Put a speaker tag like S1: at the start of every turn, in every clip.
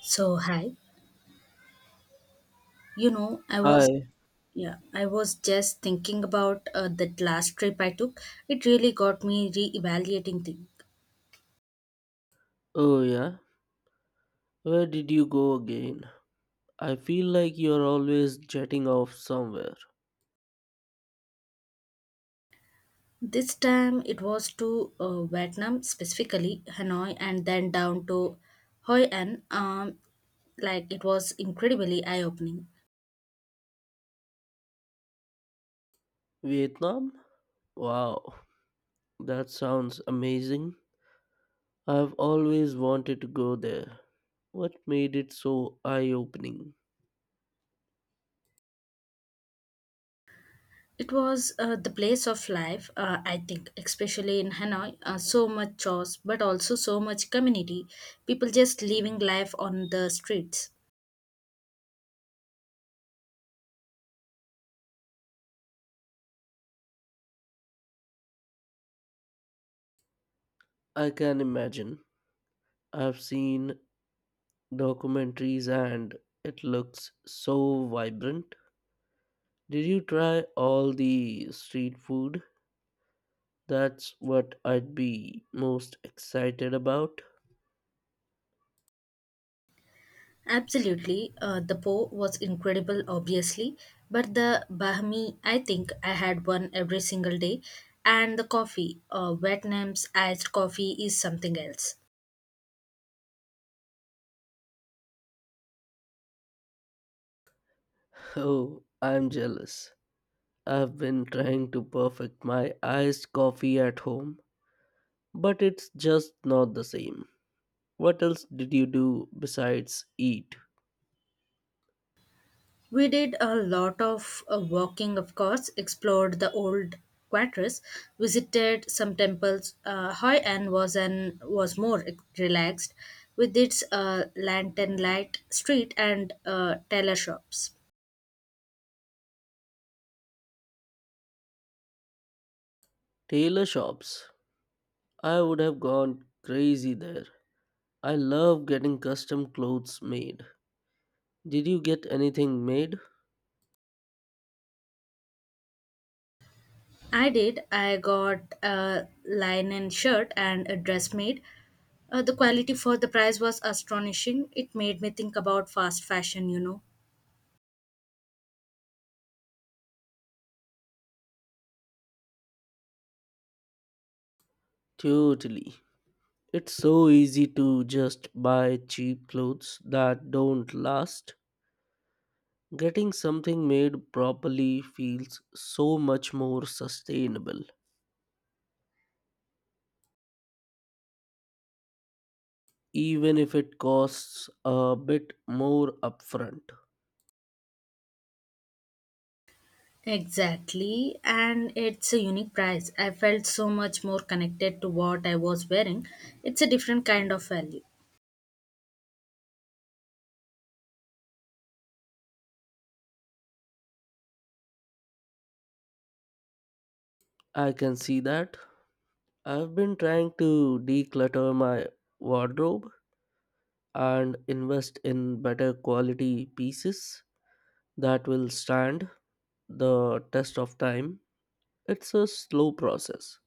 S1: So hi, I was
S2: Hi.
S1: yeah, I was just thinking about that last trip I took. It really got me re-evaluating things.
S2: Oh, yeah. Where did you go again? I feel like you're always jetting off somewhere.
S1: This time it was to Vietnam, specifically Hanoi, and then down to Hoi An. Like it was incredibly eye-opening.
S2: Vietnam? Wow. That sounds amazing. I've always wanted to go there. What made it so eye opening?
S1: It was the place of life, I think, especially in Hanoi. So much chores, but also so much community. People just living life on the streets.
S2: I can imagine. I've seen documentaries and it looks so vibrant. Did you try all the street food? That's what I'd be most excited about.
S1: Absolutely. The Po was incredible, obviously, but the Bahmi, I think I had one every single day. And the coffee, Vietnam's iced coffee, is something else.
S2: Oh, I'm jealous. I've been trying to perfect my iced coffee at home, but it's just not the same. What else did you do besides eat?
S1: We did a lot of walking, of course, explored the old quarters, visited some temples. Hoi An was more relaxed with its lantern light street and tailor shops.
S2: Tailor shops. I would have gone crazy there. I love getting custom clothes made. Did you get anything made?
S1: I did. I got a linen shirt and a dress made. The quality for the price was astonishing. It made me think about fast fashion.
S2: Totally. It's so easy to just buy cheap clothes that don't last. Getting something made properly feels so much more sustainable, even if it costs a bit more upfront.
S1: Exactly, and it's a unique price. I felt so much more connected to what I was wearing. It's a different kind of value.
S2: I can see that. I've been trying to declutter my wardrobe and invest in better quality pieces that will stand the test of time. It's a slow process,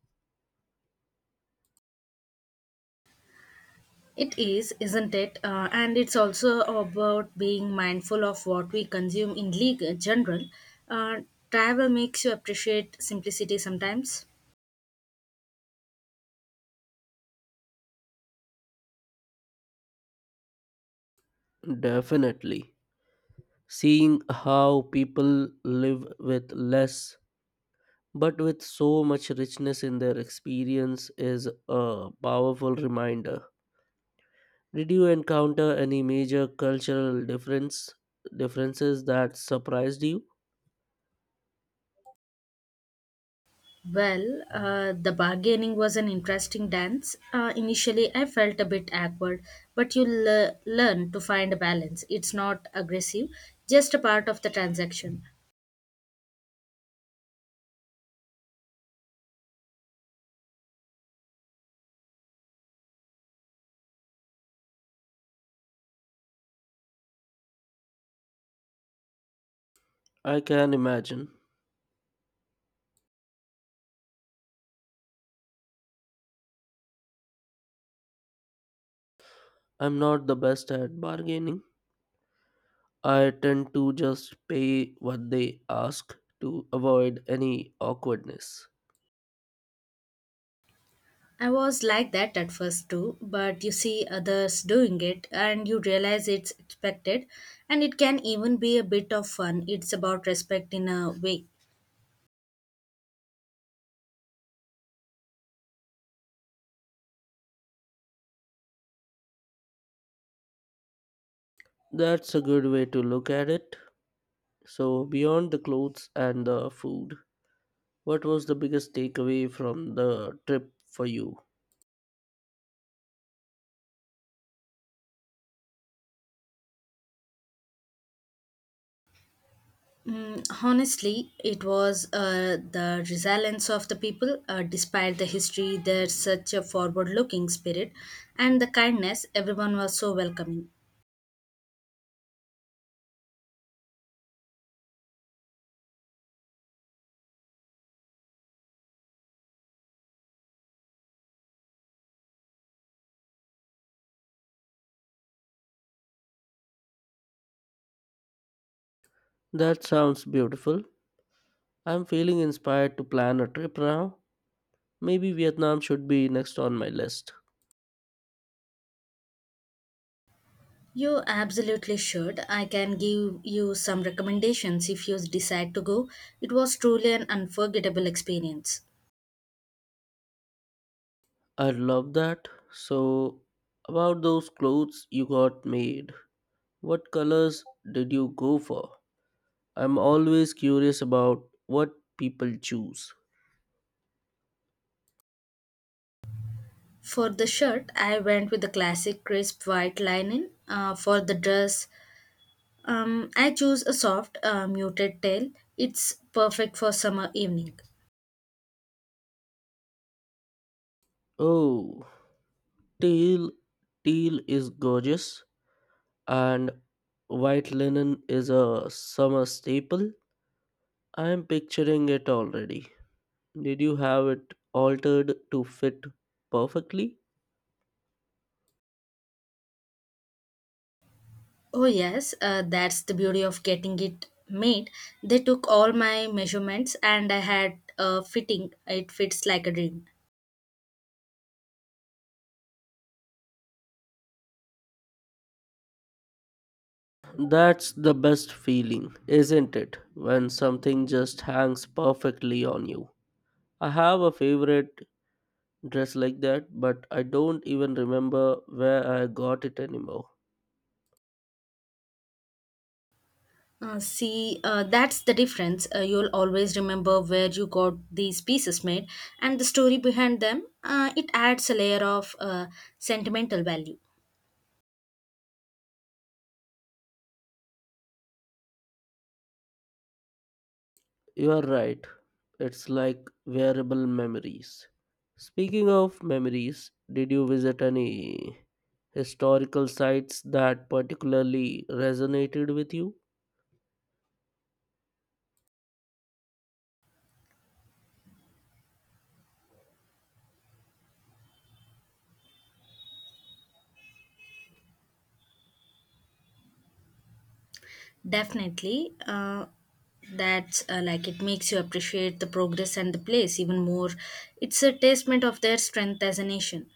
S1: It is, isn't it? And it's also about being mindful of what we consume in league general. Uh, travel makes you appreciate simplicity sometimes.
S2: definitely. Seeing how people live with less but with so much richness in their experience is a powerful reminder. Did you encounter any major cultural difference differences that surprised you?
S1: Well, the bargaining was an interesting dance. Initially, I felt a bit awkward, but you learn to find a balance. It's not aggressive, just a part of the transaction.
S2: I can imagine. I'm not the best at bargaining. I tend to just pay what they ask to avoid any awkwardness.
S1: I was like that at first too, but you see others doing it and you realize it's expected, and it can even be a bit of fun. It's about respect in a way.
S2: That's a good way to look at it. So, beyond the clothes and the food, what was the biggest takeaway from the trip for you?
S1: Honestly, it was the resilience of the people. Despite the history, there's such a forward looking spirit and the kindness, everyone was so welcoming.
S2: That sounds beautiful. I'm feeling inspired to plan a trip now. Maybe Vietnam should be next on my list.
S1: You absolutely should. I can give you some recommendations if you decide to go. It was truly an unforgettable experience.
S2: I love that. So, about those clothes you got made, what colors did you go for? I'm always curious about what people choose.
S1: For the shirt, I went with the classic crisp white linen. For the dress, I chose a soft, muted tail. It's perfect for summer evening.
S2: Oh, teal, teal is gorgeous, and white linen is a summer staple. I'm picturing it already. Did you have it altered to fit perfectly?
S1: Oh, yes, that's the beauty of getting it made. They took all my measurements and I had a fitting. It fits like a dream.
S2: That's the best feeling, isn't it? When something just hangs perfectly on you. I have a favorite dress like that, but I don't even remember where I got it anymore.
S1: See, that's the difference. You'll always remember where you got these pieces made and the story behind them. It adds a layer of sentimental value.
S2: You are right. It's like wearable memories. Speaking of memories, did you visit any historical sites that particularly resonated with you?
S1: Definitely. That it makes you appreciate the progress and the place even more. It's a testament of their strength as a nation.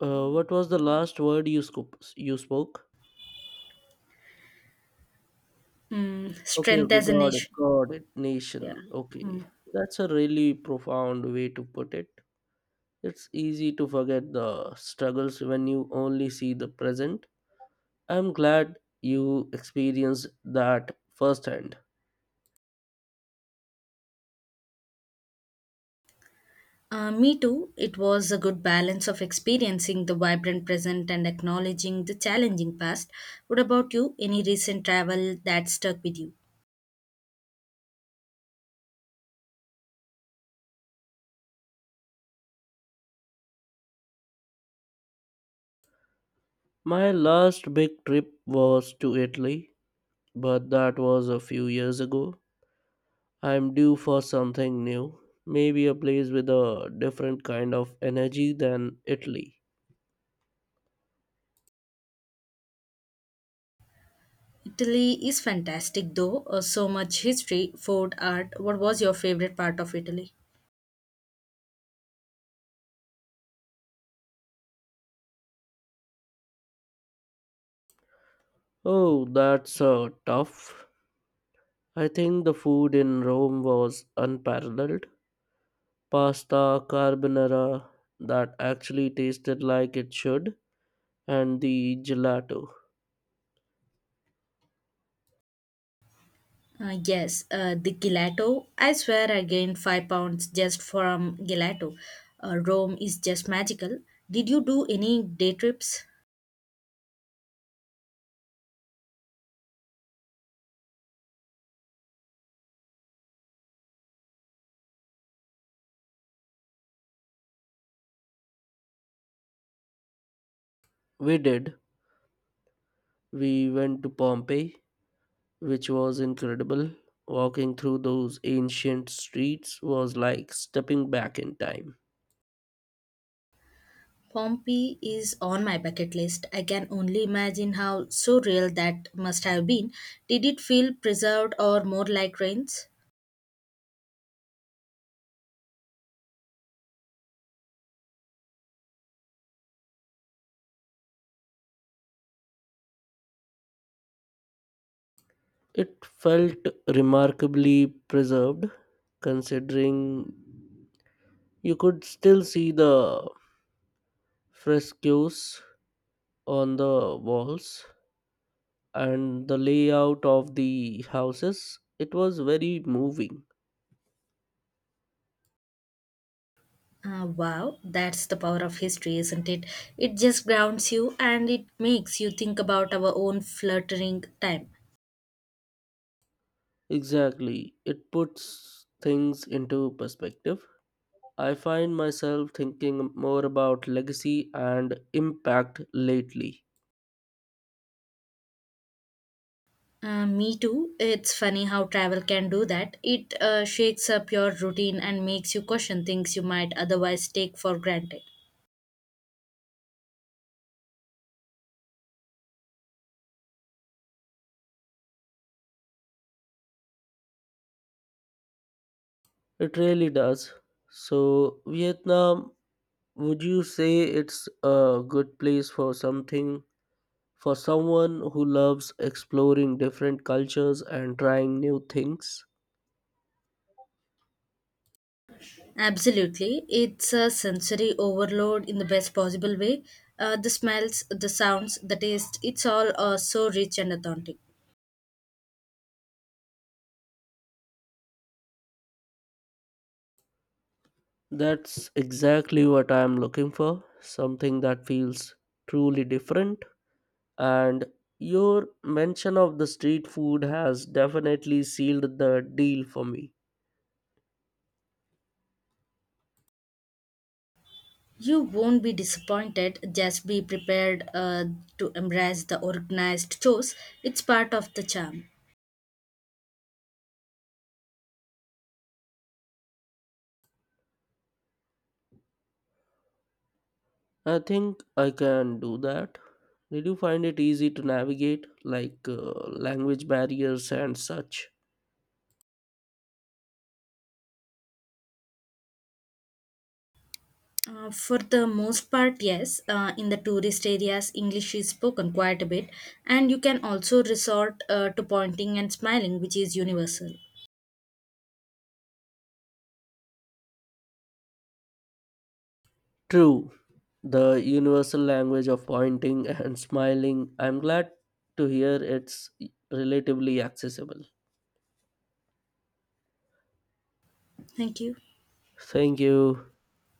S2: What was the last word you scoop you spoke?
S1: Mm,
S2: Okay,
S1: strength
S2: okay,
S1: as a
S2: got it,
S1: nation.
S2: got it.
S1: Yeah.
S2: Nation. Okay,
S1: Hmm.
S2: that's a really profound way to put it. It's easy to forget the struggles when you only see the present. I'm glad you experienced that firsthand.
S1: Me too. It was a good balance of experiencing the vibrant present and acknowledging the challenging past. What about you? Any recent travel that stuck with you?
S2: My last big trip was to Italy, but that was a few years ago. I'm due for something new, maybe a place with a different kind of energy than Italy.
S1: Italy is fantastic though. So much history, food, art. What was your favorite part of Italy?
S2: Oh, that's tough. I think the food in Rome was unparalleled. Pasta carbonara that actually tasted like it should, and the gelato.
S1: Yes, the gelato. I swear I gained 5 pounds just from gelato. Rome is just magical. Did you do any day trips?
S2: We did. We went to Pompeii, which was incredible. Walking through those ancient streets was like stepping back in time.
S1: Pompeii is on my bucket list. I can only imagine how surreal that must have been. Did it feel preserved or more like ruins?
S2: It felt remarkably preserved, considering you could still see the frescoes on the walls and the layout of the houses. It was very moving.
S1: Wow, that's the power of history, isn't it? It just grounds you and it makes you think about our own fluttering time.
S2: Exactly. It puts things into perspective. I find myself thinking more about legacy and impact lately.
S1: Me too. It's funny how travel can do that. It shakes up your routine and makes you question things you might otherwise take for granted.
S2: It really does. So, Vietnam, would you say it's a good place for something for someone who loves exploring different cultures and trying new things?
S1: Absolutely. It's a sensory overload in the best possible way. The smells, the sounds, the taste, it's all so rich and authentic.
S2: That's exactly what I am looking for something that feels truly different. And your mention of the street food has definitely sealed the deal for me.
S1: You won't be disappointed, just be prepared to embrace the organized chores. It's part of the charm.
S2: I think I can do that. Did you find it easy to navigate, language barriers and such?
S1: For the most part, yes. In the tourist areas, English is spoken quite a bit, and you can also resort to pointing and smiling, which is universal.
S2: True, the universal language of pointing and smiling. I'm glad to hear it's relatively accessible.
S1: Thank you.
S2: Thank you.